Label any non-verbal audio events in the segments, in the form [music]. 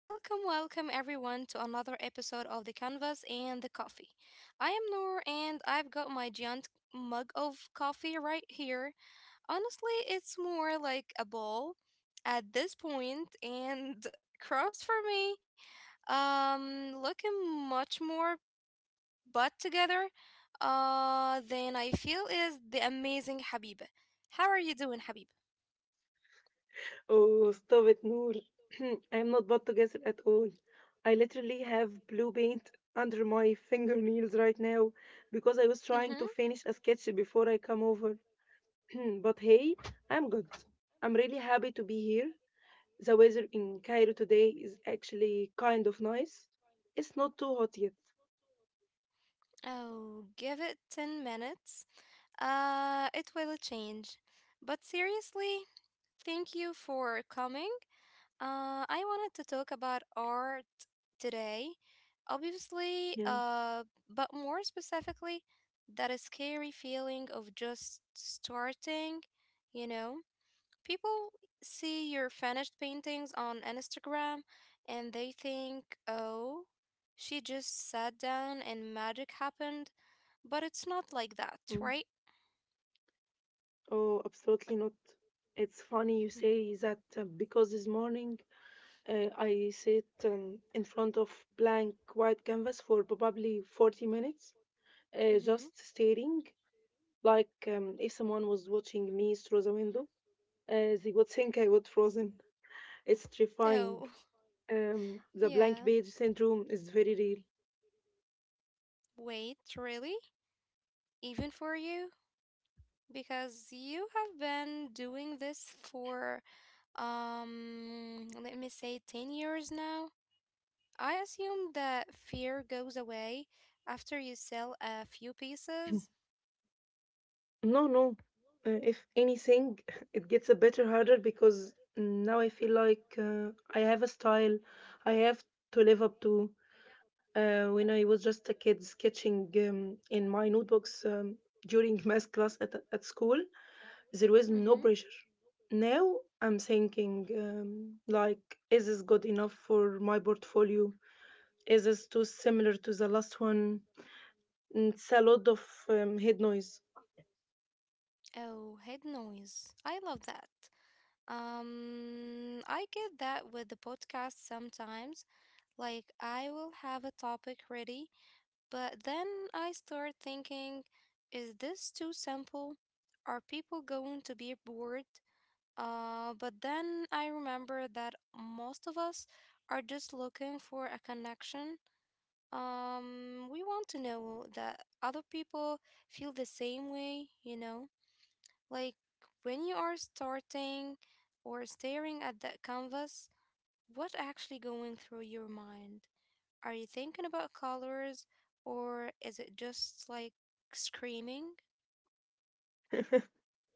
Welcome, welcome everyone to another episode of The Canvas and the Coffee. I am Noor and I've got my giant mug of coffee right here. Honestly, it's more like a bowl at this point and [laughs] cross for me. Looking much more butt together than I feel is the amazing Habiba. How are you doing, Habiba? Oh, stop it, Noor. [clears throat] I'm not bad together at all. I literally have blue paint under my fingernails right now because I was Mm-hmm. trying to finish a sketch before I come over. [clears throat] But hey, I'm good. I'm really happy to be here. The weather in Cairo today is actually kind of nice. It's not too hot yet. Oh, give it 10 minutes. It will change. But seriously, thank you for coming. I wanted to talk about art today, obviously, Yeah. But more specifically, that a scary feeling of just starting, you know? People see your finished paintings on Instagram and they think, oh, she just sat down and magic happened, but it's not like that, Mm. right? Oh, absolutely not. It's funny you say that because this morning I sit in front of blank white canvas for probably 40 minutes, Mm-hmm. just staring, like if someone was watching me through the window. They would think I would frozen. It's terrifying. Oh, Um, [laughs] the yeah. blank page syndrome is very real. Wait, really? Even for you? Because you have been doing this for, let me say 10 years now. I assume that fear goes away after you sell a few pieces. No, no. If anything, [laughs] it gets a bit harder because now I feel like I have a style I have to live up to. When I was just a kid sketching in my notebooks during [laughs] math class at school, there was no Mm-hmm. pressure. Now I'm thinking, like, is this good enough for my portfolio? Is this too similar to the last one? It's a lot of head noise. Oh, head noise. I love that. I get that with the podcast sometimes. Like, I will have a topic ready. But then I start thinking, is this too simple? Are people going to be bored? But then I remember that most of us are just looking for a connection. We want to know that other people feel the same way, you know? Like when you are starting or staring at that canvas, what actually going through your mind? Are you thinking about colors or is it just like screaming?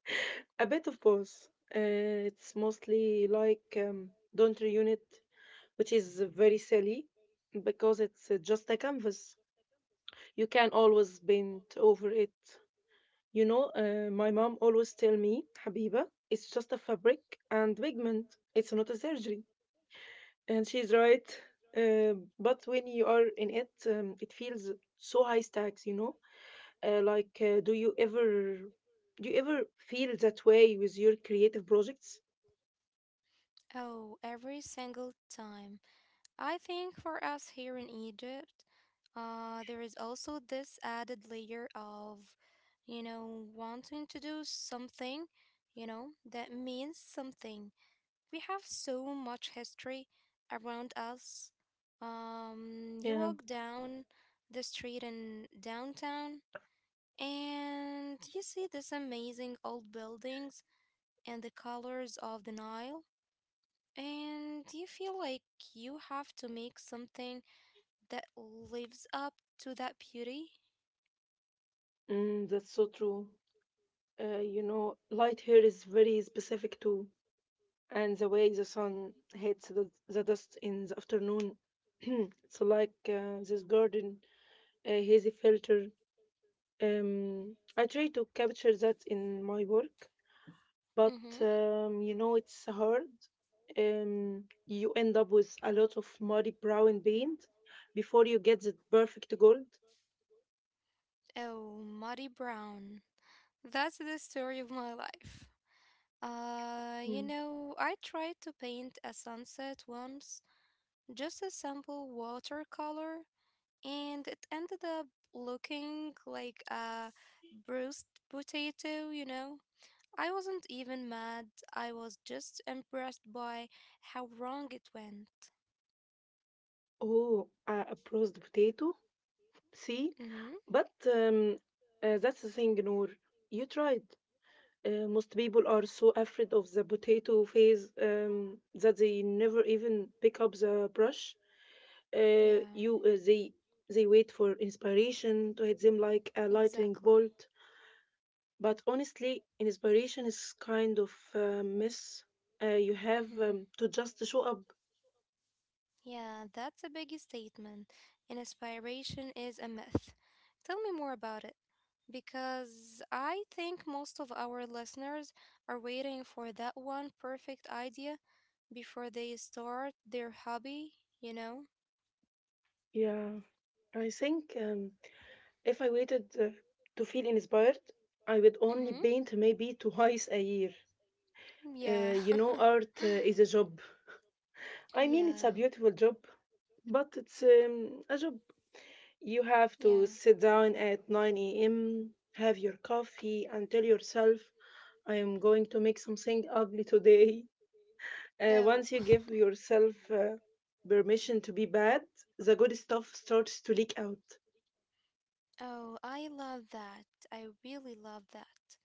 [laughs] A bit of both. It's mostly like don't reunit, which is very silly because it's just a canvas. You can always bend over it. You know, my mom always tell me, Habiba, it's just a fabric and pigment. It's not a surgery. And she's right. But when you are in it, it feels so high stakes, you know? Like, do you ever feel that way with your creative projects? Oh, every single time. I think for us here in Egypt, there is also this added layer of, you know, wanting to do something, you know, that means something. We have so much history around us. You Yeah, walk down the street in downtown and you see these amazing old buildings and the colors of the Nile, and you feel like you have to make something that lives up to that beauty. That's so true. You know, light hair is very specific too. And the way the sun hits the dust in the afternoon. [clears throat] It's like this garden, a hazy filter. I try to capture that in my work, but Mm-hmm. You know it's hard. You end up with a lot of muddy brown paint before you get the perfect gold. Oh, Muddy Brown. That's the story of my life. You Mm. know, I tried to paint a sunset once, just a simple watercolor, and it ended up looking like a bruised potato, you know? I wasn't even mad, I was just impressed by how wrong it went. Oh, a processed potato. See, Mm-hmm, but that's the thing, Noor. You tried. Most people are so afraid of the potato phase that they never even pick up the brush. Yeah, You they wait for inspiration to hit them like a lightning exactly. bolt. But honestly, inspiration is kind of a mess. You have Mm-hmm. To just show up. Yeah, that's a big statement. Inspiration is a myth. Tell me more about it, because I think most of our listeners are waiting for that one perfect idea before they start their hobby, you know? Yeah, I think if I waited to feel inspired, I would only Mm-hmm. paint maybe twice a year. Uh, Yeah. you know, art [laughs] is a job. I mean, it's a yeah. beautiful job, but it's a job. You have Yeah. to sit down at 9 a.m., have your coffee, and tell yourself, I am going to make something ugly today. Uh, Oh, once you give yourself permission to be bad, the good stuff starts to leak out. oh, I love that. I really love that.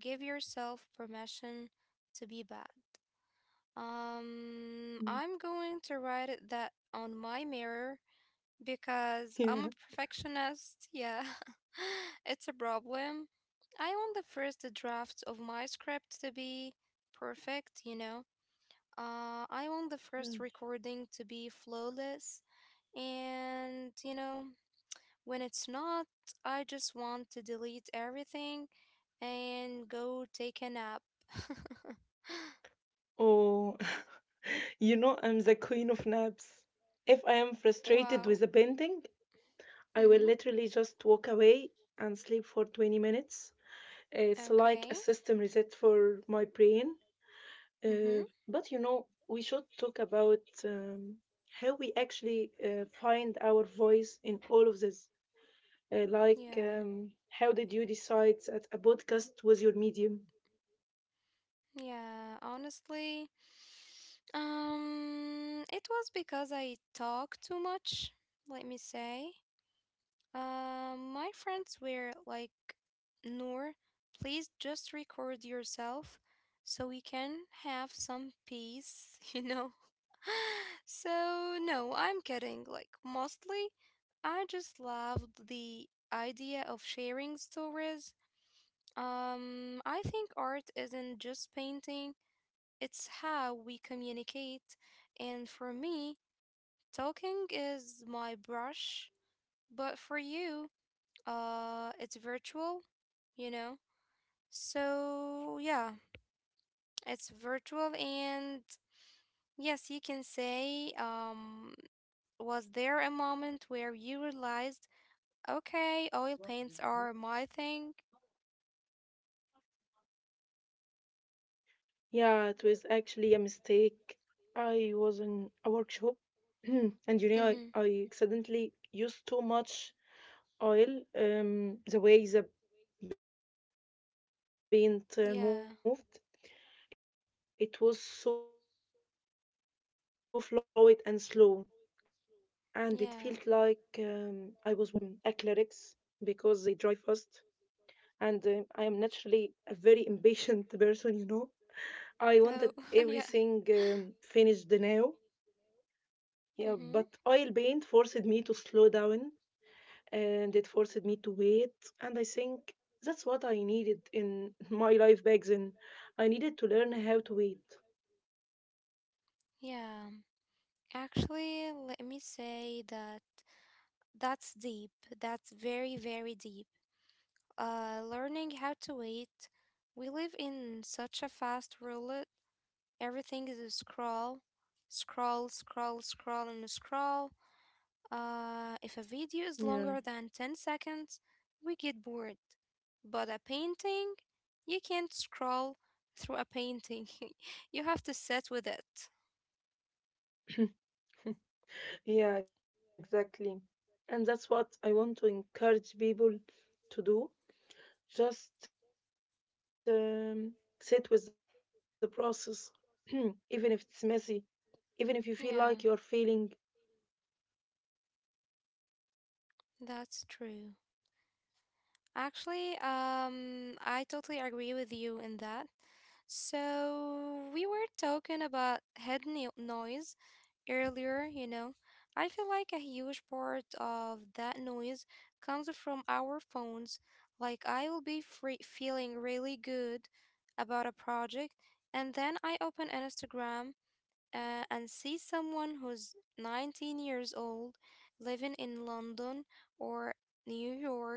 Give yourself permission to be bad. Um, Mm. I'm going to write it that on my mirror because I'm a Yeah. perfectionist. Yeah, [laughs] it's a problem. I want the first draft of my script to be perfect, you know. I want the first Mm. recording to be flawless, and you know, when it's not, I just want to delete everything and go take a nap. [laughs] Oh, [laughs] I'm the queen of naps. If I am frustrated Wow. with a painting, I Mhm. will literally just walk away and sleep for 20 minutes. It's like a Okay. system reset for my brain. Uh, Mhm. but we should talk about how we actually find our voice in all of this. Like, Yeah. How did you decide that a podcast was your medium? Yeah, honestly, it was because I talk too much, let me say. My friends were like, Noor, please just record yourself so we can have some peace, [laughs] you know? [laughs] So, no, I'm kidding. Like, mostly, I just loved the idea of sharing stories. I think art isn't just painting. It's how we communicate. And for me, talking is my brush, but for you, it's virtual, you know? So, yeah, it's Yeah, virtual. And yes, you can say, was there a moment where you realized, okay, oil paints are my thing? yeah, it was actually a mistake. I was in a workshop, and I, Mm-hmm. I accidentally used too much oil. The way the paint moved. Yeah, It was so fluid and slow, and it felt yeah. like I was working with something alive. Before that, I used acrylics because they dry fast, and Oh, I [laughs] am yeah. naturally a very impatient [laughs] person. I Mm-hmm. wanted everything finished now, yeah, but oil paint forced me to slow down and it forced me to wait. And I think that's what I needed in [laughs] Yeah. my life back then. I Actually, needed let to me learn how to say that wait. that's deep. That's very, very deep. Learning how to wait. We live in such a fast world. Everything is a scroll, scroll, scroll, scroll, and scroll. If a video is longer than 10 Yeah. seconds, we get bored. But a painting, you can't scroll through a painting. [laughs] You have to sit with it. [laughs] Yeah, exactly. And that's what I want to encourage people to do. Just sit with the process, [clears throat] even if it's messy, even if you feel like you're Yeah, failing. that's true. Actually, I totally agree with you in that. So, we were talking about head noise earlier, you know. I feel like a huge part of that noise comes from our phones. Like, I will be feeling really good about a project, and then I open Instagram and see someone who's 19 years old living in London or New York,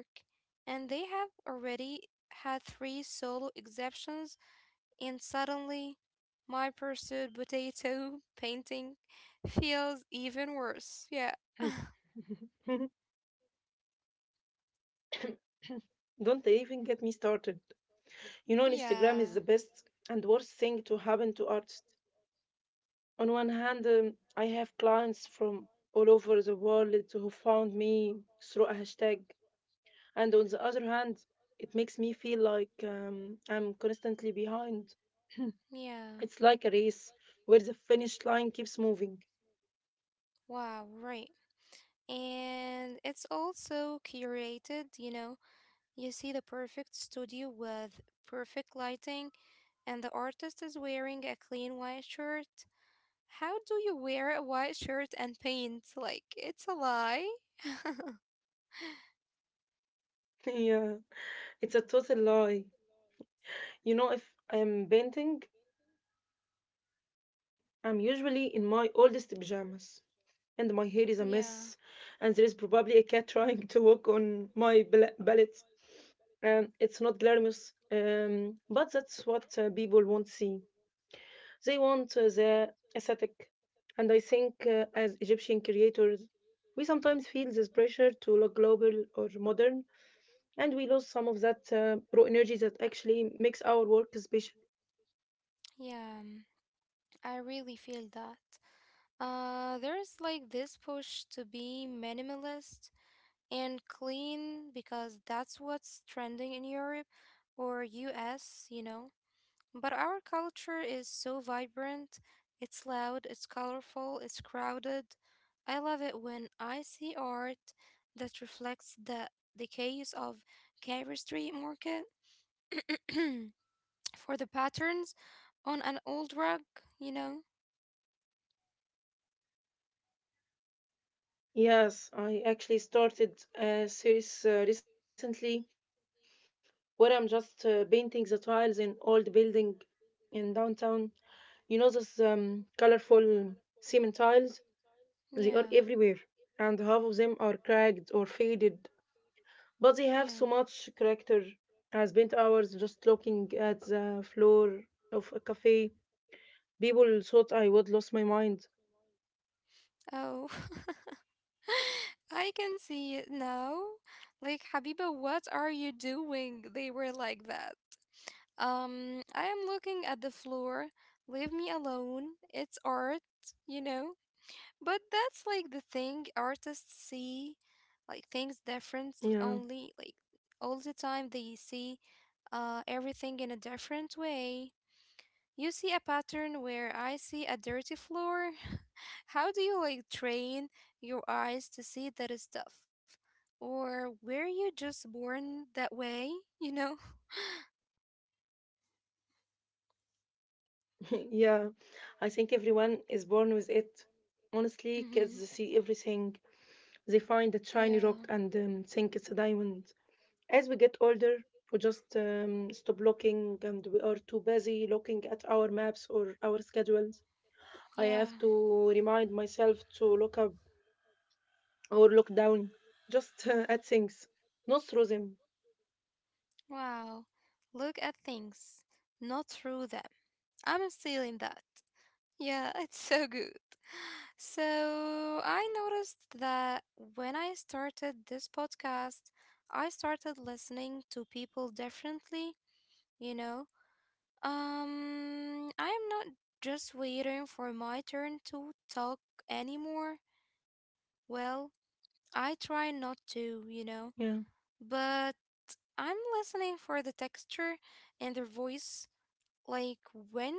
and they have already had three solo exhibitions, and suddenly my pursued potato [laughs] painting feels even worse. Yeah. [laughs] [laughs] Don't even get me started. You know, Instagram is yeah. the best and worst thing to happen to artists. On one hand, I have clients from all over the world who found me through a hashtag. And on the other hand, it makes me feel like I'm constantly behind. Yeah. It's like a race where the finish line keeps moving. Wow, right. And it's also curated, you know. You see the perfect studio with perfect lighting, and the artist is wearing a clean white shirt. How do you wear a white shirt and paint? Like, it's a lie. [laughs] Yeah, it's a total lie. You know, if I'm painting, I'm usually in my oldest pajamas. And my hair is a Yeah. mess, and there is probably a cat [laughs] trying to walk on my ballet. It's not glamorous, but that's what people want to see. They want the aesthetic, and I think as Egyptian creators, we sometimes feel this pressure to look global or modern, and we lose some of that raw energy that actually makes our work special. Yeah, I really feel that. There's like this push to be minimalist and clean because that's what's trending in Europe or US, you know? But our culture is so vibrant. It's loud, it's colorful, it's crowded. I love it when I see art that reflects the chaos of Carey Street Market [clears throat] for the patterns on an old rug, you know? Yes, I actually started a series recently where I'm just painting the tiles in old building in downtown. You know those colorful cement tiles? They are Yeah, everywhere, and half of them are cracked or faded, but they have yeah. so much character. I spent hours just looking at the floor of a cafe. People thought I would lose my mind. Oh, [laughs] I can see it now. Like, Habiba, what are you doing? They were like that. I am looking at the floor. Leave me alone. It's art, you know? But that's like the thing artists see, like Yeah. things different only, like all the time they see everything in a different way. You see a pattern where I see a dirty floor. [laughs] How do you like train your eyes to see that stuff? Or were you just born that way, you know? [laughs] Yeah, I think everyone is born with it. Honestly, kids see everything. [laughs] They find a shiny rock and Yeah. Think it's a diamond. As we get older, we just stop looking and we are too busy looking at our maps or our schedules. I Yeah. have to remind myself to look up or look down just [laughs] at things, not through them. Wow. Look at things, not through them. I'm still in that. Yeah, [laughs] it's so good. So I noticed that when I started this podcast, I started listening to people differently, you know? I'm not just waiting for my turn to talk anymore. Well, I try not to, you know? Yeah, But I'm listening for the texture and their voice, like when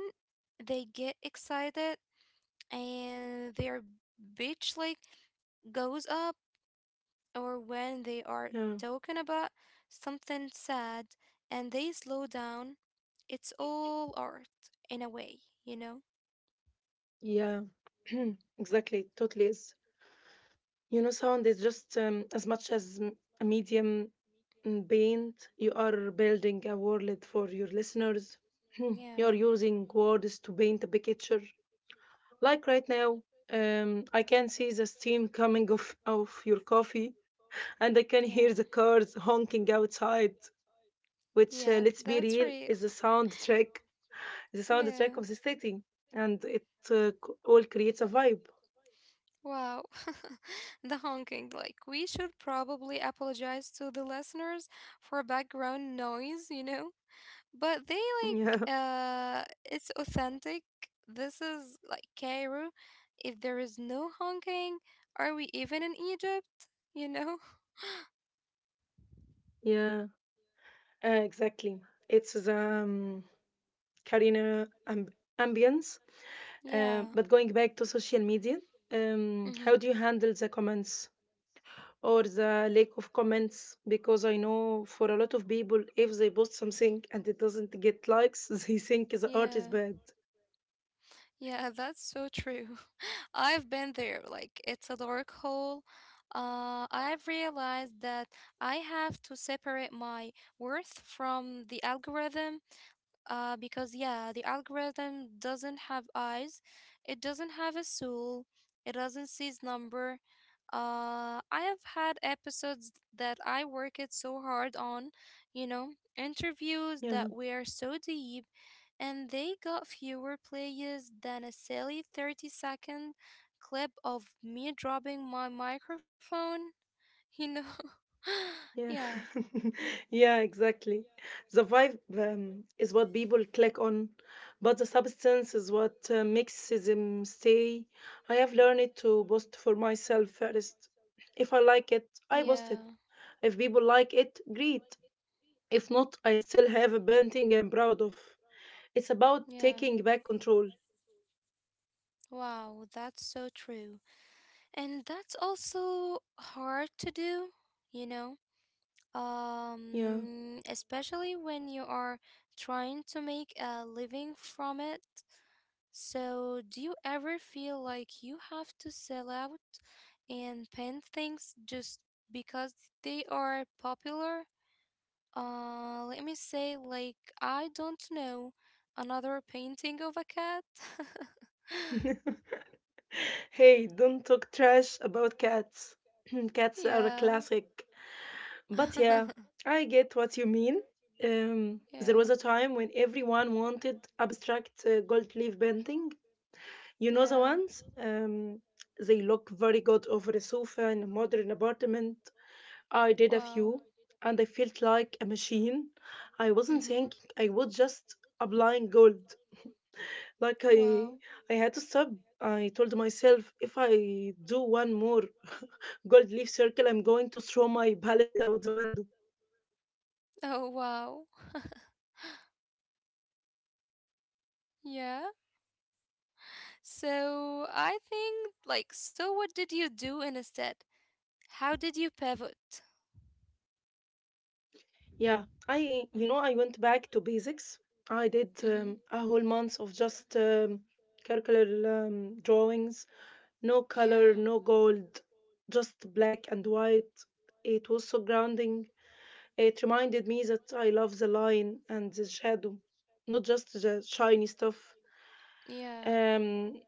they get excited and their pitch like goes up, or when they are yeah, talking about something sad and they slow down. It's all art in a way, you know? yeah. [clears throat] Exactly, totally is. You know, sound is just as much as a medium in paint. You are building a world for your listeners. [clears throat] Yeah, You're using words to paint a picture. Like right now, I can see the steam coming [laughs] off of your coffee, and I can yeah. hear the cars honking outside, which, Yes, let's be that's real, real. is the soundtrack, the Yeah. soundtrack of the city, and it all creates a vibe. [laughs] Wow. [laughs] The honking. Like, we should probably apologize to the listeners for background noise, you know? But they Yeah, like, it's authentic. This is like Cairo. If there is no honking, are we even in Egypt? You know? [laughs] yeah, exactly. It's the career ambience. Uh, Yeah. but going back to social media, Mm-hmm. how do you handle the comments or the lack of comments? Because I know for a lot of people, if they post something and it doesn't get likes, [laughs] they think the art is Yeah. bad. Yeah, that's so true. [laughs] I've been there. Like, it's a dark hole. I've realized that I have to separate my worth from the algorithm because yeah, the algorithm doesn't have eyes, it doesn't have a soul, it doesn't see its number. I have had episodes that I worked so hard on, you know, interviews Yeah. that were so deep, and they got fewer plays than a silly 30-second clip of me dropping my microphone, [laughs] you know. [laughs] yeah, Yeah. [laughs] Yeah, exactly. The vibe is what people click on, but the substance is what makes them stay. I have learned to post for myself first. If I like it, I yeah, post it. If people like it, great. If not, I still have a painting I'm proud of. It's about yeah. taking back control. Wow, that's so true. And that's also hard to do, you know? Yeah. Especially when you are trying to make a living from it. So, do you ever feel like you have to sell out and paint things just because they are popular? Let me say, like, I don't know, another painting of a cat? [laughs] [laughs] Hey, don't talk trash about cats. [clears throat] Cats are a Yeah. classic. But yeah, [laughs] I get what you mean. There was yeah. a time when everyone wanted abstract gold leaf painting. You know the Yeah. ones? They look very good over a sofa in a modern apartment. I did a Wow. few and I felt like a machine. I wasn't Mhm. thinking, I was just applying gold. Like I Wow. I had to stop. I told myself if I do one more [laughs] gold leaf circle, I'm going to throw my palette out the window. Oh, wow. [laughs] Yeah. So I think, like, so what did you do instead? How did you pivot? Yeah, I you know I went back to basics. I did Mm-hmm. A whole month of just circular drawings, no color, Yeah. no gold, just black and white. It was so grounding. It reminded me that I love the line and the shadow, not just the shiny stuff. Yeah. Um,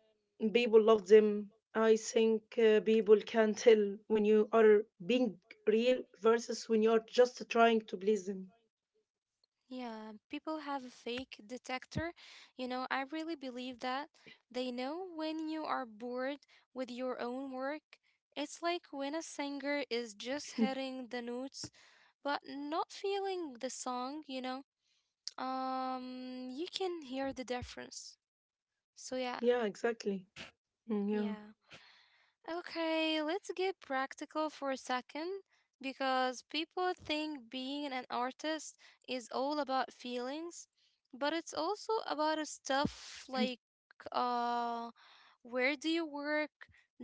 people love them. I think people can tell when you are being real versus when you are just trying to please them. Yeah, people have a fake detector. You know, I really believe that. They know when you are bored with your own work. It's like when a singer is just [laughs] hitting the notes but not feeling the song, you know. You can hear the difference. So [clears throat] yeah, Yeah, exactly. Mm, yeah. yeah. Okay, let's get practical for a second because people think being an artist is all about feelings, but it's also about stuff like uh where do you work?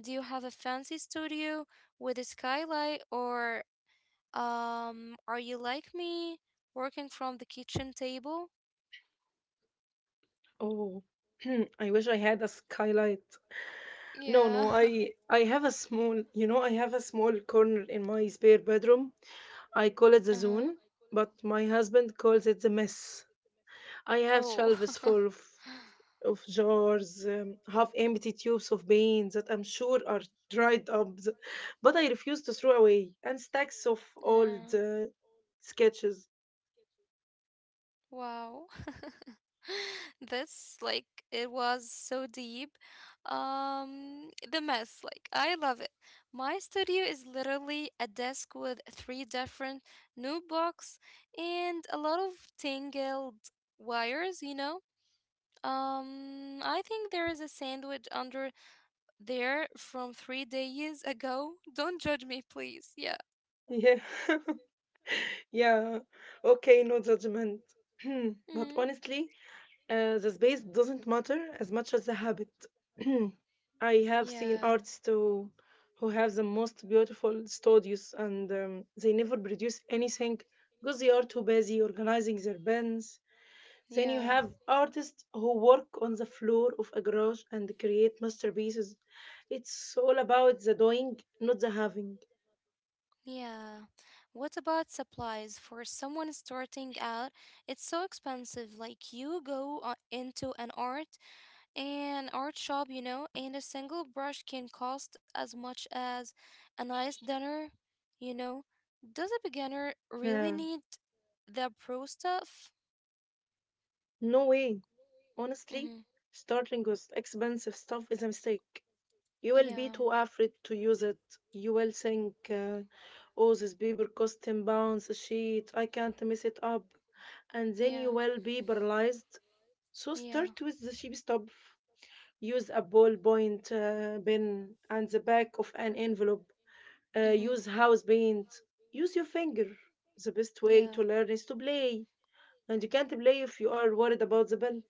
Do you have a fancy studio with a skylight or are you like me working from the kitchen table? Oh, [clears throat] I wish I had a skylight. No, no, Yeah. [laughs] I have a small corner in my spare bedroom. I call it the Uh-huh. zone, but my husband calls it the mess. I have Oh. shelves [laughs] full of jars, half empty tubes of paint that I'm sure are dried up, but I refuse to throw away, and stacks of Yeah. old sketches. Wow. [laughs] This like it was so deep. Um, the mess, like I love it. My studio is literally a desk with three different notebooks and a lot of tangled wires, you know. Um, I think there is a sandwich under there from 3 days ago. Don't judge me, please. Yeah. Yeah, [laughs] yeah, okay, no judgment. [clears throat] But Mhm. honestly, the space doesn't matter as much as the habit. [clears throat] I have seen Yeah. artists who have the most beautiful studios and they never produce anything because they are too busy organizing their pens. Then you Yeah, have artists who work on the floor of a garage and create masterpieces. It's all about the doing, not the having. yeah. What about supplies? For someone starting out, it's so expensive. Like you go into an art shop, you know, and a single brush can cost as much as a nice dinner, you know. Does a beginner really need Yeah, the pro stuff? no way. Honestly, Mm-hmm. starting with expensive stuff is a mistake. You will be Yeah, too afraid to use it. You will think, oh, this paper cost £10 a sheet. I can't mess it up. And then you yeah, will be paralyzed. So yeah. start with the cheap stuff. Use a ballpoint pen and the back of an envelope. Mm-hmm. Use house paint. Use your finger. The best way Yeah. to learn is to play, and you can't play if you are worried about the bell.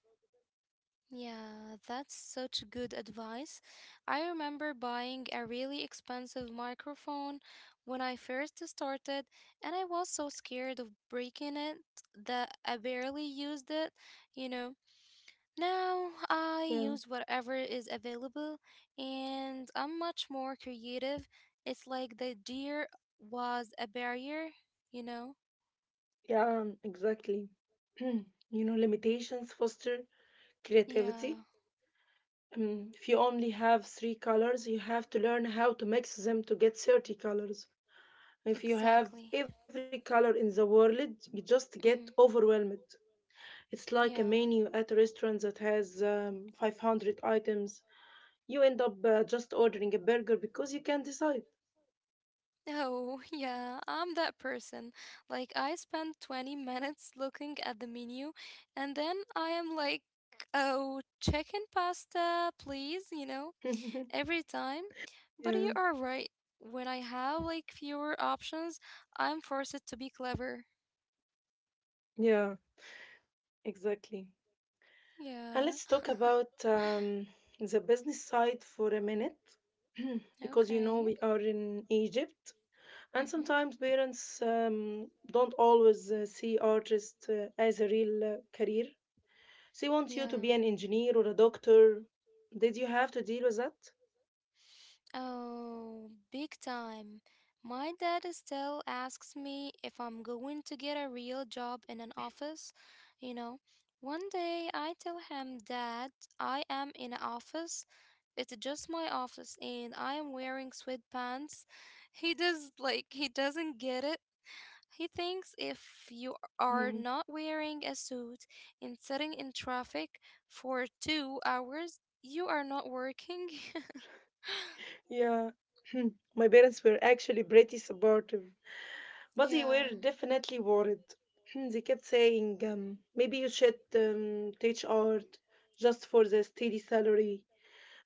Yeah, that's such good advice. I remember buying a really expensive microphone when I first started, and I was so scared of breaking it that I barely used it, you know. Now I Yeah, use whatever is available, and I'm much more creative. It's like the deer was a barrier, you know? yeah, exactly. [clears throat] You know, limitations foster creativity. Yeah, If you only have three colors, you have to learn how to mix them to get 30 colors. If you have exactly. every color in the world, you just Hmm. get overwhelmed. It's like a Yeah. menu at a restaurant that has 500 items. You end up just ordering a burger because you can't decide. Oh, [laughs] yeah, I'm that person. Like, I spend 20 minutes looking at the menu, and then I am like, oh, chicken pasta, please, [laughs] every time. But Yeah, you are right. When I have like fewer options, I'm forced to be clever. yeah, exactly. And Yeah. let's talk about the business side for a minute, [clears throat] because, you know, Okay. we are in Egypt, and Mm-hmm. sometimes parents don't always see artists as a real career. She wants you to Yeah. be an engineer or a doctor. Did you have to deal with that? Oh, big time. My dad still asks me if I'm going to get a real job in an office. You know, 1 day I tell him that I am in an office. It's just my office and I am wearing sweatpants. [laughs] He does, like, he doesn't get it. He thinks if you Mm. are not wearing a suit and sitting in traffic for 2 hours, you are not working. Yeah. [clears throat] My parents were actually pretty supportive, [laughs] but they yeah, were definitely worried. [clears throat] They kept saying, maybe you should teach art just for the steady salary.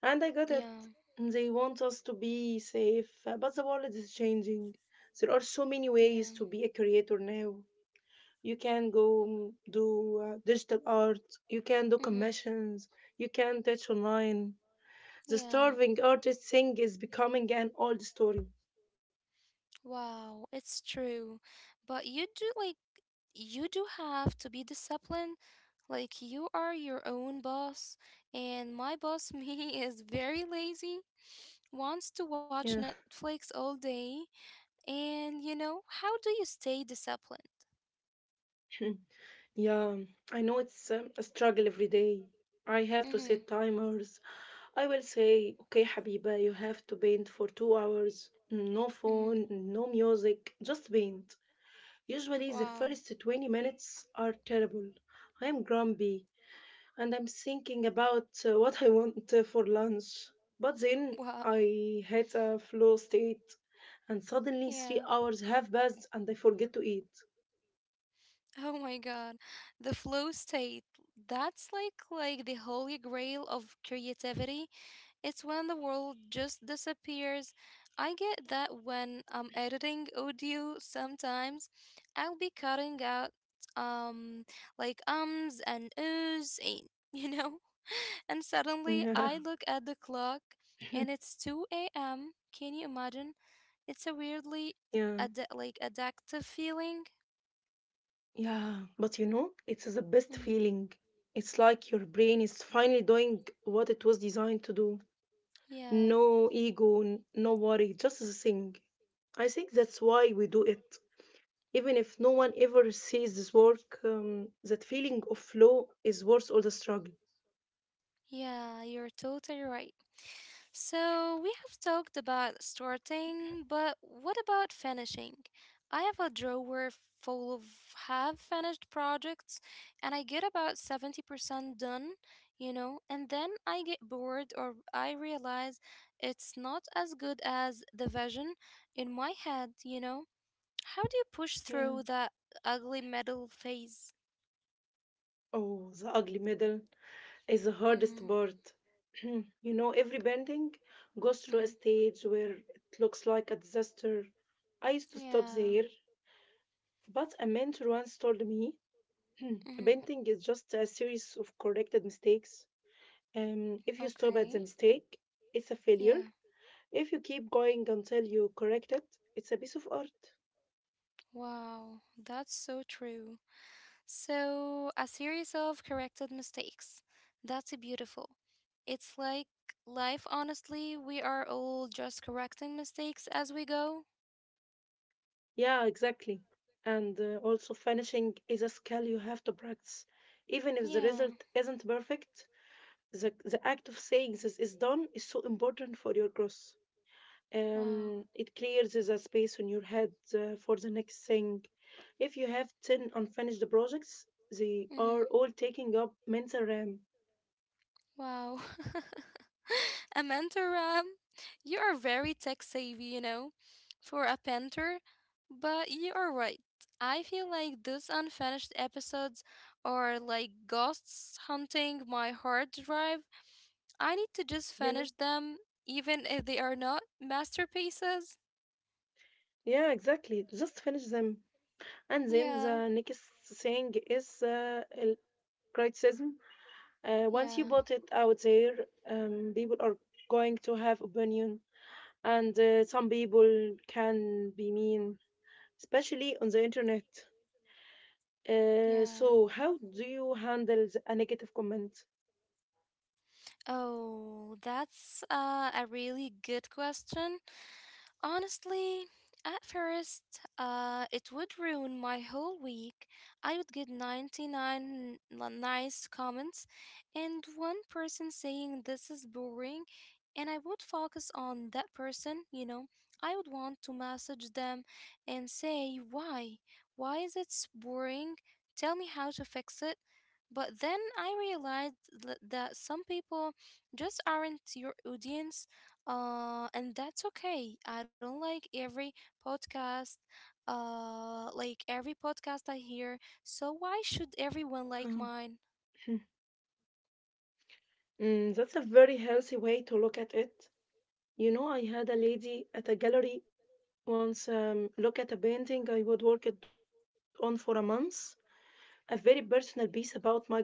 And I got it. yeah, They want us to be safe, but the world is changing. There are so many yeah. ways to be a creator now. You can go do digital art. You can do Mm-hmm. commissions. You can teach online. The Yeah, starving artist thing is becoming an old story. wow, it's true. But you do like, you do have to be disciplined. Like, you are your own boss, and my boss, [laughs] me, is very lazy, wants to watch Yeah. Netflix all day, and, you know, how do you stay disciplined? [laughs] Yeah, I know, it's a struggle every day. I have to set Mm-hmm. timers. I will say, okay, Habiba, you have to paint for 2 hours, no phone, Mm-hmm. no music, just paint. Usually the Wow. first 20 minutes are terrible. I am grumpy, and I'm thinking about what I want for lunch. But then Wow. I hit a flow state, and suddenly three Yeah. hours have passed, and I forget to eat. Oh my god. The flow state. That's like the holy grail of creativity. It's when the world just disappears. I get that when I'm editing audio sometimes. I'll be cutting out um like ums and oohs and, [laughs] you know? And suddenly Yeah, I look at the clock [laughs] and [clears throat] it's 2 a.m. Can you imagine? It's a weirdly yeah, like addictive feeling. yeah. But you know, it's the best Mhm. feeling. It's like your brain is finally doing what it was designed to do. Yeah. No ego, no worry, just the thing. I think that's why we do it. Even if no one ever sees this work, that feeling of flow is worth all the struggle. Yeah, you're totally right. So, we have talked about starting, but what about finishing? I have a drawer full of half finished projects, and I get about 70% done, you know, and then I get bored or I realize it's not as good as the vision in my head, you know. How do you push through Yeah. that ugly middle phase? Oh, the ugly middle is the hardest Mm-hmm, part. [clears throat] You know, every bending goes through a mm-hmm, stage where it looks like a disaster. I used to stop yeah. there, but a mentor once told me [clears throat] Mm-hmm. bending is just a series of corrected mistakes. If you stop at the Okay. mistake, it's a failure. Yeah. If you keep going until you correct it, it's a piece of art. Wow. That's so true. So, a series of corrected mistakes. That's beautiful. It's like life, honestly, we are all just correcting mistakes as we go. Yeah, exactly. And also, finishing is a skill you have to practice. Even if the Yeah. result isn't perfect, the act of saying this is done is so important for your growth. Wow. It clears the space in your head for the next thing. If you have 10 unfinished projects, they Mm-hmm. are all taking up mental RAM. [laughs] Wow. [laughs] A mentor, you are very tech savvy, you know, for a painter, but you are right. I feel like those unfinished episodes are like ghosts hunting my hard drive. I need to just Yeah, finish them, even if they are not masterpieces. yeah, exactly. Just finish them. And then Yeah, the next thing is criticism. Once you yeah, put it out there, people are going to have opinion, and some people can be mean, especially on the internet. Yeah. So how do you handle a negative comment? Oh, that's a really good question. Honestly, at first, it would ruin my whole week. I would get 99 nice comments and one person saying this is boring, and I would focus on that person, you know. I would want to message them and say, why? Why is it boring? Tell me how to fix it. But then I realized that some people just aren't your audience, and that's okay. I don't like every podcast, like every podcast I hear, so why should everyone like Um, mine? [laughs] mm, that's a very healthy way to look at it. You know, I had a lady at a gallery once look at a painting I would work it on for a month, a very personal piece about my grandmother,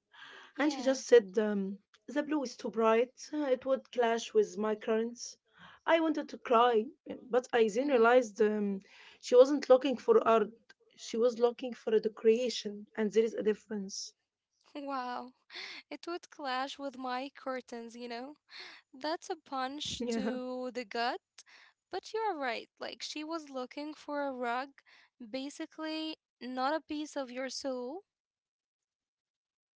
and she just said, Yeah. The blue is too bright, it would clash with my currents. I wanted to cry, but I then Mm-hmm. realized she wasn't looking for art, she was looking for a decoration, and there is a difference. Wow. [laughs] It would clash with my curtains, you know. That's a punch [laughs] Yeah. to the gut, but you're right. Like, she was looking for a rug, basically, not a piece of your soul.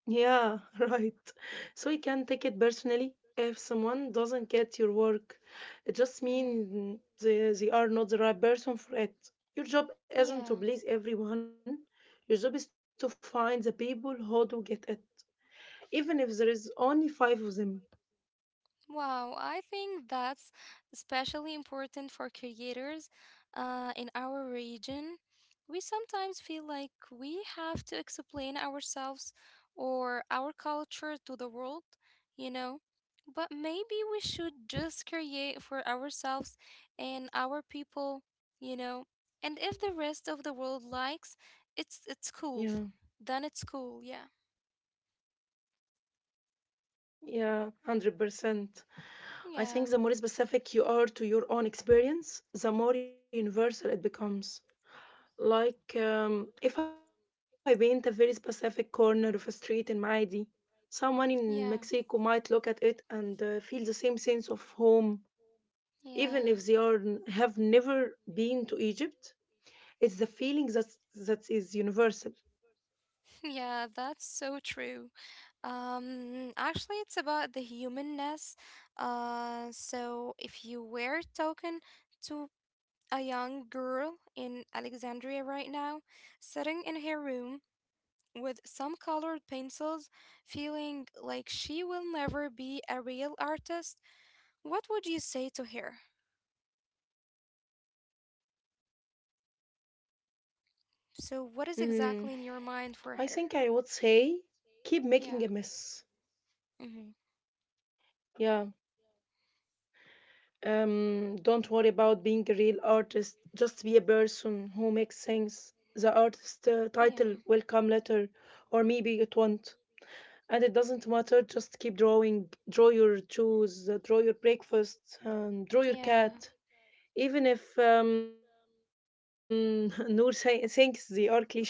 Yeah, [laughs] right. So you can take it personally if someone doesn't get your work. It just Mm-hmm. means they are not the right person for it. Your job isn't to Yeah. please everyone. Your job is to find the people who do get it, even if there is only five of them. Wow, I think that's especially important for creators in our region. We sometimes feel like we have to explain ourselves or our culture to the world, you know? But maybe we should just create for ourselves and our people, you know? And if the rest of the world likes, it's cool. Then Yeah, it's cool, yeah. yeah, 100%. Yeah. I think the more specific you are to your own experience, the more universal it becomes. Like if I paint a very specific corner of a street in Maidi, someone in Yeah. Mexico might look at it and feel the same sense of home, even Yeah, if they are have never been to Egypt. It's the feeling that is universal. [laughs] yeah, that's so true. Actually, it's about the humanness. So if you were talking to a young girl in Alexandria right now, sitting in her room with some colored pencils, feeling like she will never be a real artist, what would you say to her? So, Mm, what is exactly in I your think I mind would for her? say keep making a mess. Yeah. Mm-hmm. Yeah. Don't worry about being a real artist. Just be a person who makes things. The artist Yeah. Title will come later, or maybe it won't. And it doesn't matter. Just keep drawing. Draw your shoes. Draw your breakfast. Yeah. Draw your cat. Even if [laughs] Noor thinks they are cliche,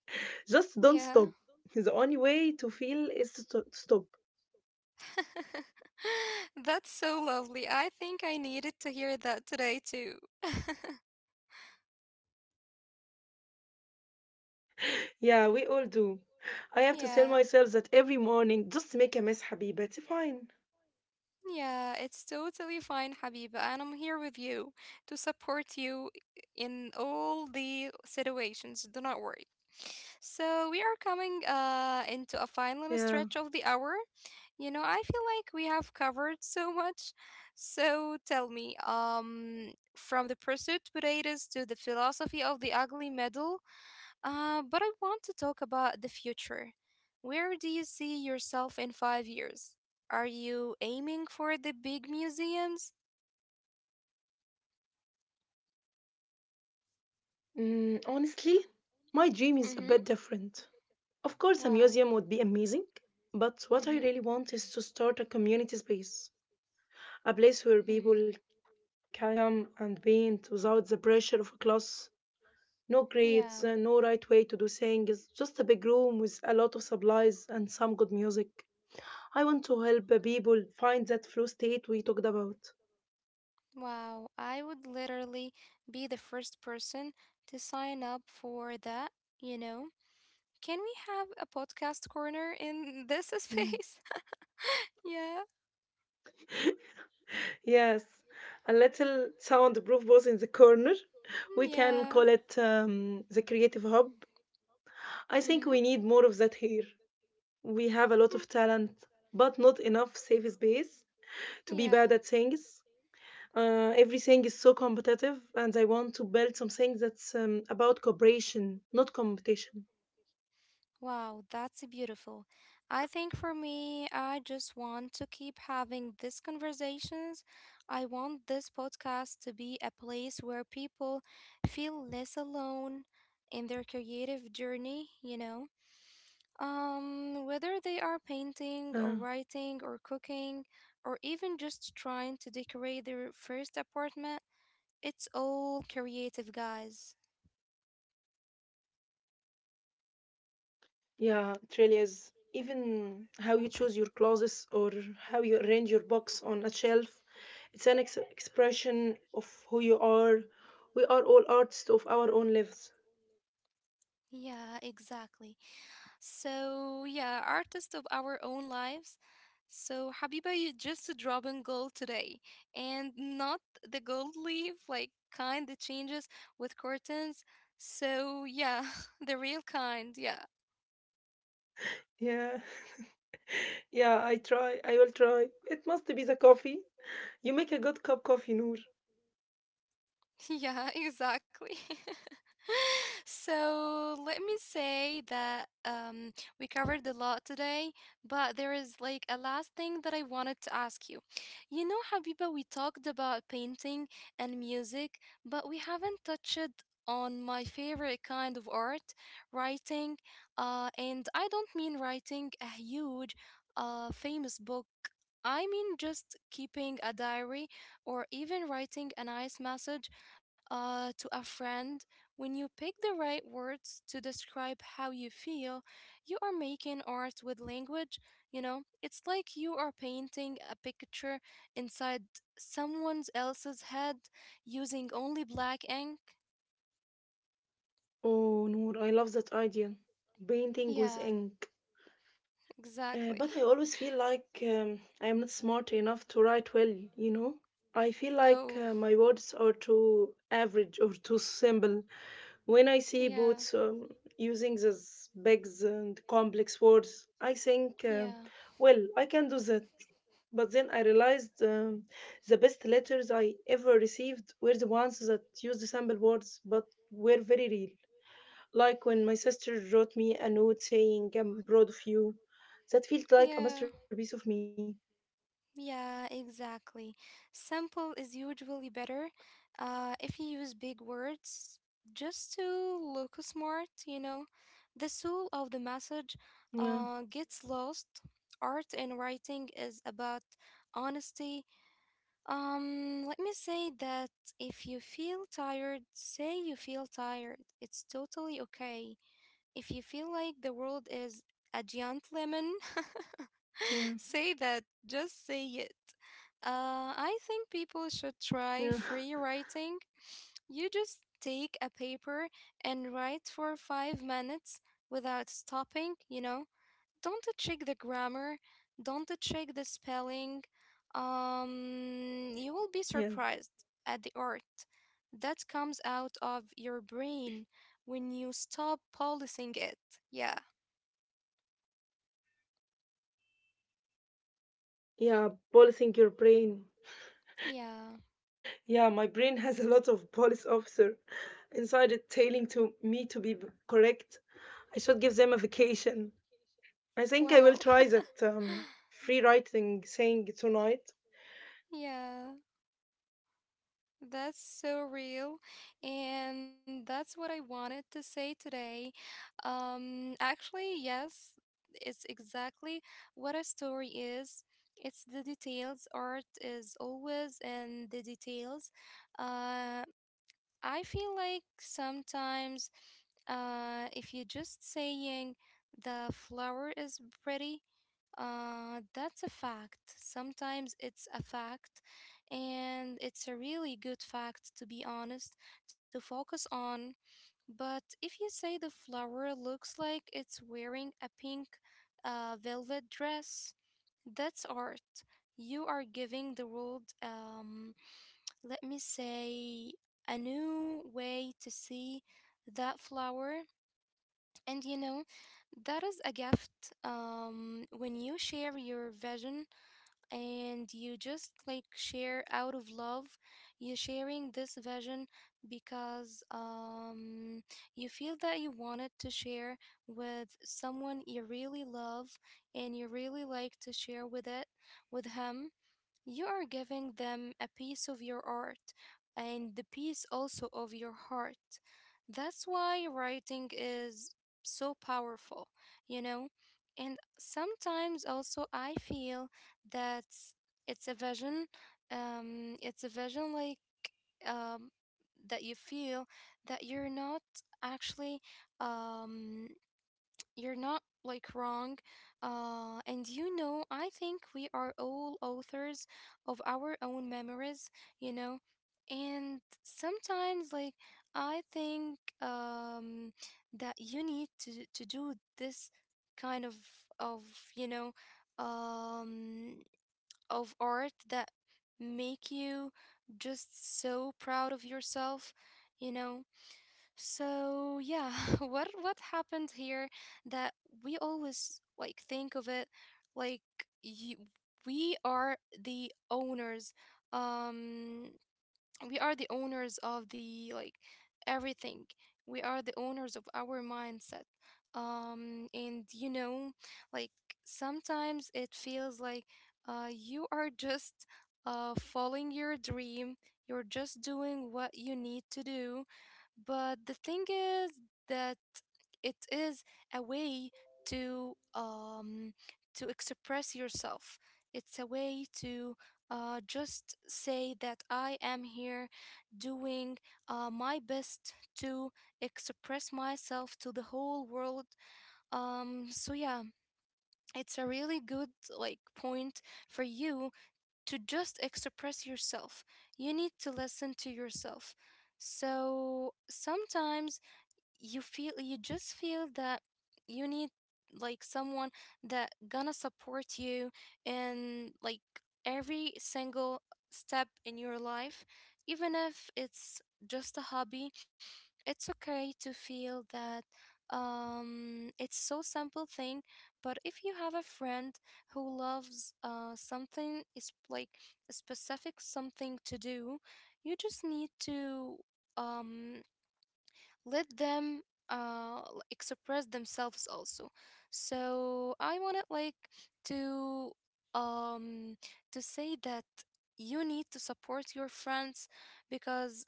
just don't stop. Yeah. [laughs] The only way to feel is to stop. [laughs] That's so lovely. I think I needed to hear that today too. [laughs] Yeah, we all do. I have to Yeah. tell myself that every morning, just make a mess, حبيبة. It's fine. Yeah, it's totally fine, Habiba, and I'm here with you to support you in all the situations. Do not worry. So we are coming into a final stretch of the hour. Yeah. You know, I feel like we have covered so much. So tell me, from the pursuit potatoes to the philosophy of the ugly medal, but I want to talk about the future. Where do you see yourself in 5 years? Are you aiming for the big museums? Mm, honestly, my dream is a Mm-hmm. bit different. Of course, a Wow. museum would be amazing, but what I Mm-hmm. really want is to start a community space. A place where Mm-hmm. people can come and paint without the pressure of a class. No Yeah. grades, no right way to do things, just a big room with a lot of supplies and some good music. I want to help people find that flow state we talked about. Wow, I would literally be the first person to sign up for that, you know? Can we have a podcast corner in this [laughs] Yeah. space? Yeah, Yes, a little soundproof booth in the corner. We can yeah. call it the creative hub. I Mm-hmm. think we need more of that here. We have a lot of talent, enough safe space to be bad Yeah. at things. Everything is so competitive, and I want to build something that's about cooperation, not competition. Wow, that's beautiful. I think for me, I just want to keep having these conversations. I want this podcast to be a place where people feel less alone in their creative journey, you know? Whether they are Uh, painting or writing or cooking or even just trying to decorate their first apartment, it's all creative, guys. yeah, it really is. Even how you choose your clothes or how you arrange your box on a shelf, it's an expression of who you are. We are all artists of our own lives. Yeah, exactly. So, yeah, artists of our own lives. So, Habiba, you just dropping gold today and not the gold leaf, like kind that changes with curtains. So, yeah, [laughs] the real kind, yeah. Yeah, [laughs] yeah, I try. I will try. It must be the coffee. You make a good cup coffee, Noor. [laughs] Yeah, exactly. [laughs] So let me say that, we covered a lot today, but there is like a last thing that I wanted to ask you. You know, Habiba, we talked about painting and music, but we haven't touched on my favorite kind of art, writing. And I don't mean writing a huge, famous book. I mean just keeping a diary or even writing a nice message to a friend. When you pick the right words to describe how you feel, you are making art with language, you know? It's like you are painting a picture inside someone else's head using only black ink. Oh, Noor, I love that idea. Painting with Yeah, ink. Exactly. But I [laughs] always feel like I am not smart enough to write well, you know? I feel like Oh, my words are too average or too simple. When I see yeah, boots using these big and complex words, I think, yeah, well, I can do that. But then I realized the best letters I ever received were the ones that used simple words but were very real. Like when my sister wrote me a note saying I'm proud of you. That felt like a yeah. masterpiece of me. Yeah, exactly. Simple is usually better. If you use big words just to look smart, you know, the soul of the message Yeah, gets lost. Art and writing is about honesty. Let me say that if you feel tired, say you feel tired. It's totally okay. If you feel like the world yeah, is a giant lemon, [laughs] [laughs] say that. Just say it. I think yeah, people should try free writing. You just take a paper and write for 5 minutes without stopping, you know? Don't check the grammar, don't check the spelling. [laughs] yeah, You will be surprised at the art that comes out of your brain when you stop policing it. Yeah, yeah. Policing your brain. yeah, Yeah, my brain has [laughs] a lot of police officer inside it, telling to me to be correct. I should give them a vacation. I wow. [laughs] think I will try that free writing thing tonight. Yeah, that's so real. And that's what I wanted to say today. Actually, yes, it's exactly what a story is. It's the details. Art is always in the details. Uh, I feel like sometimes, if you're just saying the flower is pretty, that's a fact. Sometimes it's a fact, and it's a really good fact, to be honest, to focus on. But if you say the flower looks like it's wearing a pink velvet dress, that's art. You are giving the world, let me say, a new way to see that flower. And you know, that is a gift, when you share your vision and you just like share out of love, you're sharing this vision because you feel that you wanted to share with someone you really love and you really like to share with it with him, you are giving them a piece of your art and the piece also of your heart. That's why writing is so powerful, you know? And sometimes also I feel that it's a vision, um, it's a vision like um, that you feel that you're not actually, um, you're not like wrong. And you know, I think we are all authors of our own memories, you know. And sometimes, like, I think, that you need to do this kind of, you know, um, of art that make you just so proud of yourself, you know. So yeah, [laughs] what happened here that we always like think of it like you, we are the owners. Um we are the owners of the like everything. We are the owners of our mindset, and you know, like, sometimes it feels like you are just following your dream. You're just doing what you need to do. But the thing is that it is a way to, to express yourself. It's a way to just say that I am here doing my best to express myself to the whole world. So, yeah, it's a really good like point for you to just express yourself. You need to listen to yourself. So, sometimes you just feel that you need like someone that gonna support you in like every single step in your life, even if it's just a hobby, it's okay to feel that. It's so simple thing, but if you have a friend who loves something, is like a specific something to do, you just need to um let them, express themselves also. So I wanna like to um to say that you need to support your friends, because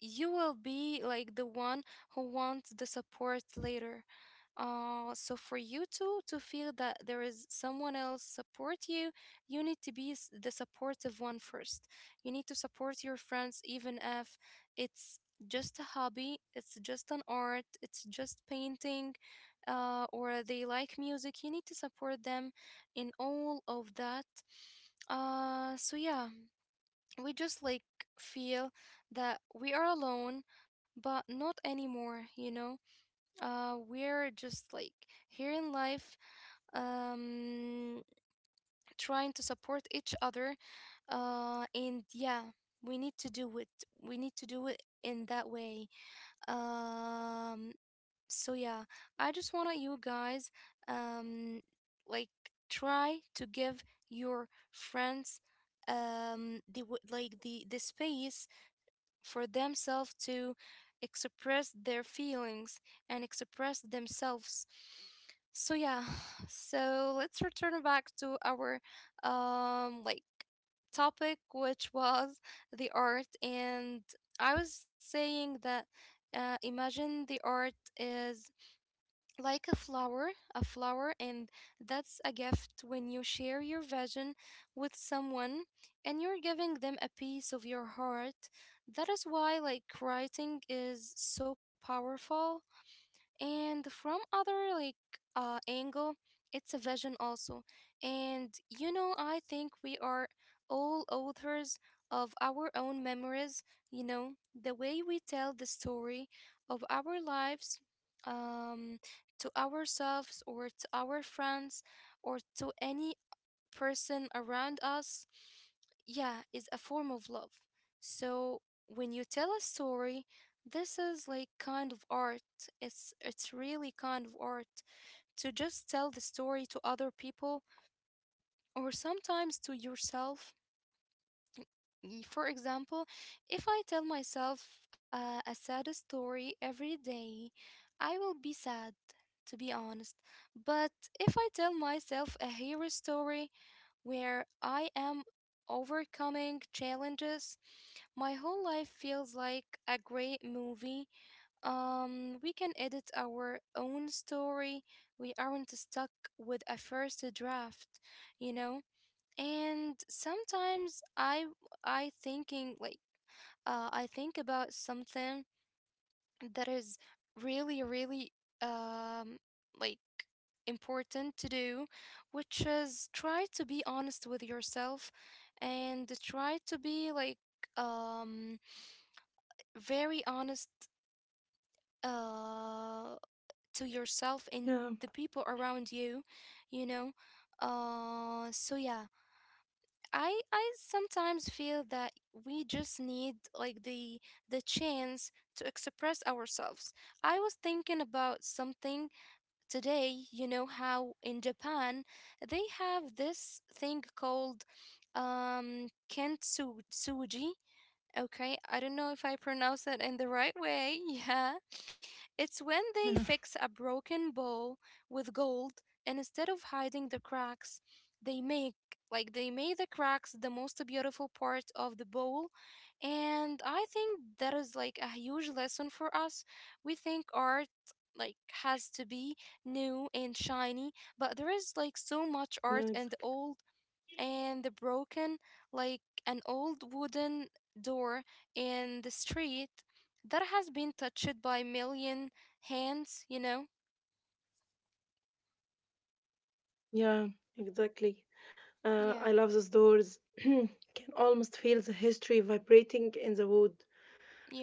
you will be like the one who wants the support later. So for you to feel that there is someone else support you, you need to be the supportive one first. You need to support your friends even if it's just a hobby, it's just an art, it's just painting, or they like music. You need to support them in all of that. So yeah, we just like feel that we are alone, but not anymore, We're just like here in life, um trying to support each other. And yeah, we need to do it we need to do it in that way. um so yeah, I just want you guys, um like try to give your friends like the space for themselves to express their feelings and express themselves. So yeah, [sighs] so let's return back to our um like topic, which was the art. And I was saying that, imagine the art is like a flower, and that's a gift when you share your vision with someone and you're giving them a piece of your heart. That is why, like, writing is so powerful. And from other, like, angle, it's a vision also. And you know, I think we are all authors of our own memories. You know, the way we tell the story of our lives, um to ourselves or to our friends or to any person around us, yeah, is a form of love. So when you tell a story, this is like kind of art. It's really kind of art to just tell the story to other people or sometimes to yourself. For example, if I tell myself, a sad story every day, I will be sad, to be honest. But if I tell myself a hero story, where I am overcoming challenges, my whole life feels like a great movie. We can edit our own story. We aren't stuck with a first draft, you know? And sometimes I thinking like I think about something that is really really um like important to do, which is try to be honest with yourself and try to be like, um very honest, uh to yourself and the Yeah, people around you, you know? So yeah, I sometimes feel that we just need like the chance to express ourselves. I was thinking about something today. You know how in Japan they have this thing called kintsugi? Okay, I don't know if I pronounce it in the right way. [laughs] Yeah. It's when they fix a yeah, broken bowl with gold, and instead of hiding the cracks, they make like they made the cracks the most beautiful part of the bowl. And I think that is like a huge lesson for us. We think art like has to be new and shiny, but there is like so much yeah, art in exactly. the old and the broken, like an old wooden door in the street that has been touched by million hands, you know? Yeah, exactly. I Yeah, love those doors. [clears throat] Can almost feel the history vibrating in the wood.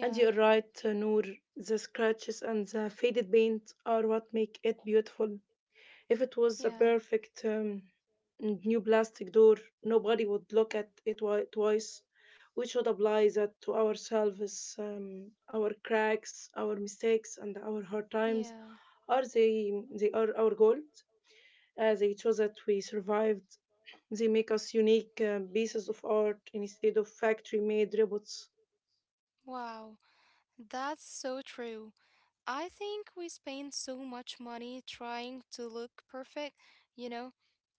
And you're right, Noor. The scratches and the faded paint are what make it beautiful. If it was a yeah, perfect new plastic door, nobody would look at it twice. We should apply that to ourselves. Our cracks, our mistakes, and our hard times yeah. are they are our goals, they show that we survived. They make us unique pieces of art instead of factory made robots. Wow, that's so true. I think we spend so much money trying to look perfect, you know,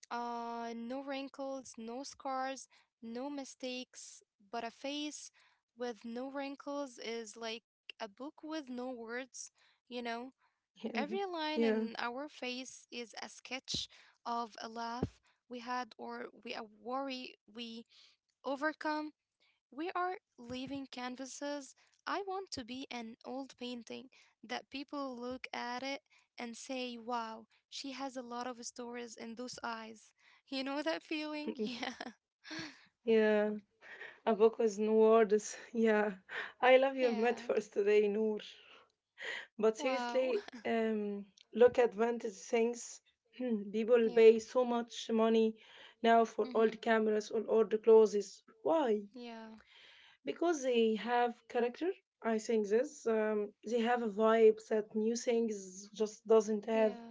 uh, no wrinkles, no scars, no mistakes. But a face with no wrinkles is like a book with no words, you know? Every Yeah, line in yeah, our face is a sketch of a laugh we had, or we a worry we overcome. We are leaving canvases. I want to be an old painting that people look at it and say, wow, she has a lot of stories in those eyes. You know that feeling? [laughs] [laughs] Yeah. yeah. A book with no words. [laughs] Yeah, I love your Yeah. metaphors today, Noor. But Wow. seriously, [laughs] um, look at vintage things. [clears throat] People Yeah. pay so much money now for Mm-hmm. old cameras or old clothes. Why? Yeah. Because they have character. I think this they have a vibe that new things just doesn't have. Yeah.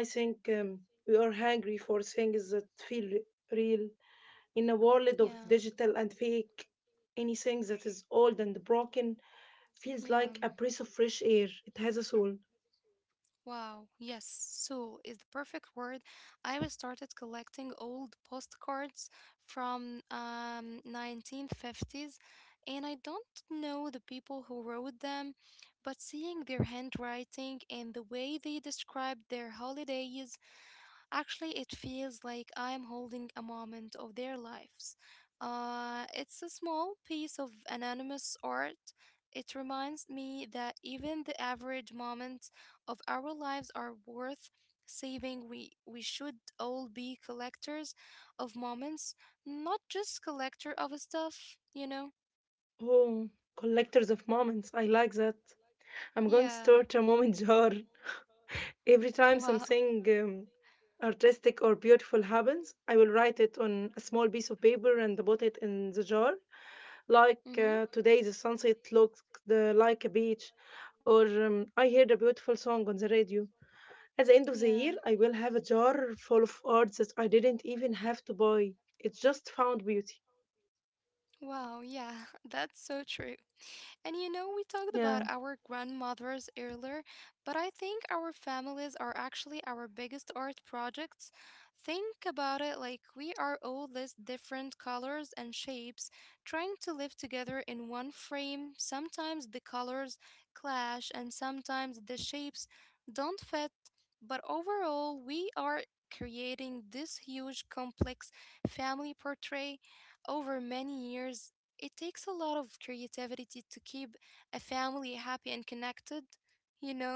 I think we are hungry for things that feel real in a world of Yeah. digital and fake. Anything that is old and broken feels Yeah. like a breath of fresh air. It has a soul. Wow, yes, soul is the perfect word. I was started collecting old postcards from 1950s, and I don't know the people who wrote them, but seeing their handwriting and the way they described their holidays, actually, it feels like I'm holding a moment of their lives. It's a small piece of anonymous art. It reminds me that even the average moments of our lives are worth saving. We should all be collectors of moments, not just collector of stuff, you know? Oh, collectors of moments, I like that. I'm going to Yeah. start a moment [laughs] jar. Every [laughs] time Wow. something artistic or beautiful happens, I will write it on a small piece of paper and put it in the jar. Like Mm-hmm. Today, the sunset looked like a beach, or I heard a beautiful song on the radio. At the end of the Yeah. year, I will have a jar full of art that I didn't even have to buy. It just found beauty. Wow, yeah, [laughs] that's so true. And you know, we talked about Yeah. our grandmothers earlier, but I think our families are actually our biggest art projects. Think about it, like, we are all these different colors and shapes trying to live together in one frame. Sometimes the colors clash and sometimes the shapes don't fit, but overall, we are creating this huge complex family portrait over many years. It takes a lot of creativity to keep a family happy and connected, you know?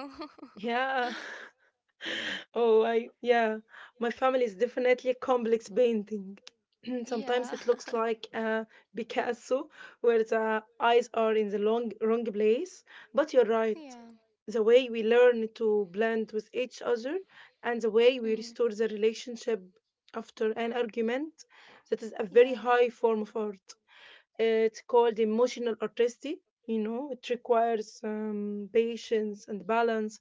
Yeah. [laughs] [laughs] Oh, I, yeah, my family is definitely complex painting. [clears throat] Sometimes Yeah. it looks [laughs] like a Picasso where the eyes are in the long, wrong place. But you're right. Yeah. The way we learn to blend with each other and the way Hmm. we restore the relationship after an argument, that is a very Yeah. high form of art. It's called emotional artistry. You know, it requires patience and balance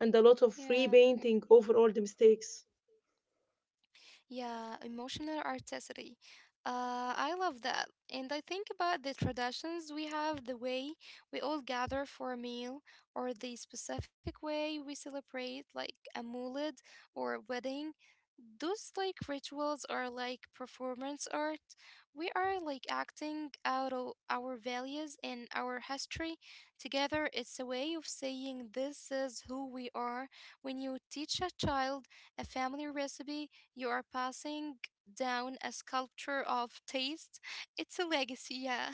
and a lot of Yeah. repainting over all the mistakes. Yeah, emotional artistry. I love that. And I think about the traditions we have, the way we all gather for a meal, or the specific way we celebrate, like a mulid or wedding. Those like rituals are like performance art. We are like acting out our values and our history together. It's a way of saying this is who we are. When you teach a child a family recipe, you are passing down a sculpture of taste. It's a legacy, yeah.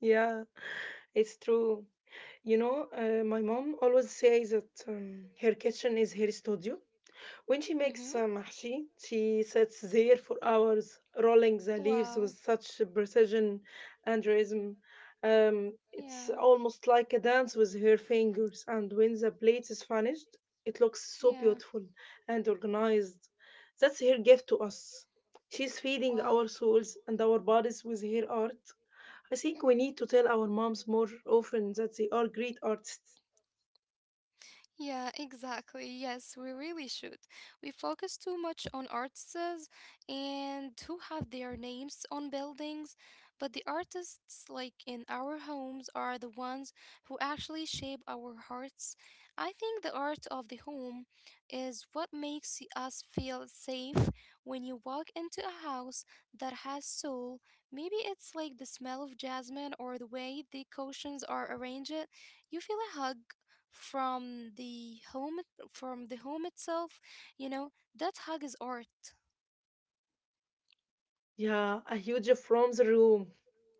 Yeah, it's true. You know, my mom always says that her kitchen is her studio. When [laughs] she Hmm. makes mahshi, she sits there for hours, rolling the leaves with Wow. such precision and rhythm. It's Yeah. almost like a dance with her fingers, and when the plate is finished, it looks so Yeah. beautiful and organized. That's her gift to us. She's feeding our Wow. souls and our bodies with her art. I think we need to tell our moms more often that they are great artists. Yeah, exactly. Yes, we really should. We focus too much on artists and who have their names on buildings, but the artists, like in our homes, are the ones who actually shape our hearts. I think the art of the home is what makes us feel safe. When you walk into a house that has soul, maybe it's like the smell of jasmine or the way the cushions are arranged, you feel a hug from the home from the home itself, you know? That hug is art. Yeah, a huge from the room.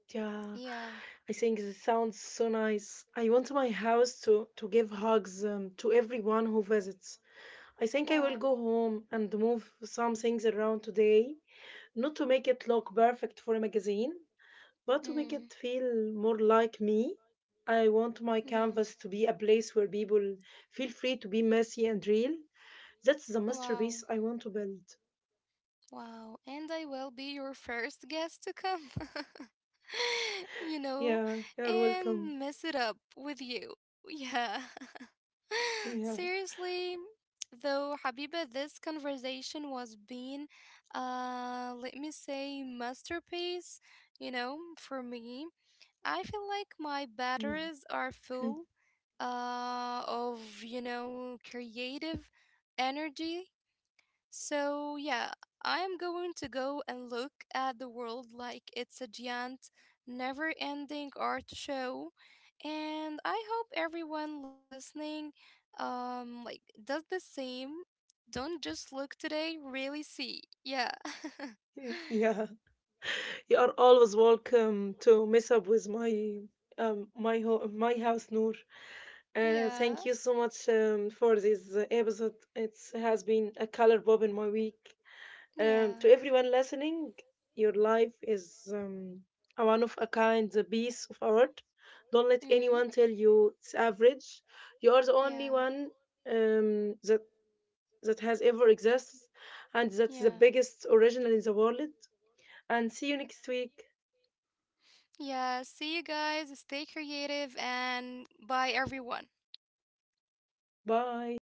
Yeah, Yeah. I think this sounds so nice. I want my house to give hugs to everyone who visits. I think I will Wow. go home and move some things around today, not to make it look perfect for a magazine, but to make it Mm, feel more like me. I want my yeah. canvas to be a place where people feel free to be messy and real. That's the Wow. masterpiece I want to build. Wow, and I will be your first guest to come. [laughs] You know, Yeah, you're welcome. and [laughs] mess it up with you. Yeah. [laughs] Yeah, Seriously, though, Habiba, this conversation was being, let me say, masterpiece, you know, for me. I feel like my yeah, batteries are full, of, you know, creative energy. So, yeah, I'm going to go and look at the world like it's a giant, never ending art show. And I hope everyone listening does the same. Don't just look today, really see. Yeah. [laughs] [laughs] yeah. You are always welcome to mess up with my house, Noor. Thank you Yeah. so much for this episode. It has been a color bob in my week. To Yeah. everyone listening, your life is a one of a kind piece of art. Don't let anyone Mhm. tell you it's average. You are the only Yeah. one um, that that has ever existed, and that's the Yeah. biggest original in the world. And see you next week. Yeah, see you guys. Stay creative and bye, everyone. Bye.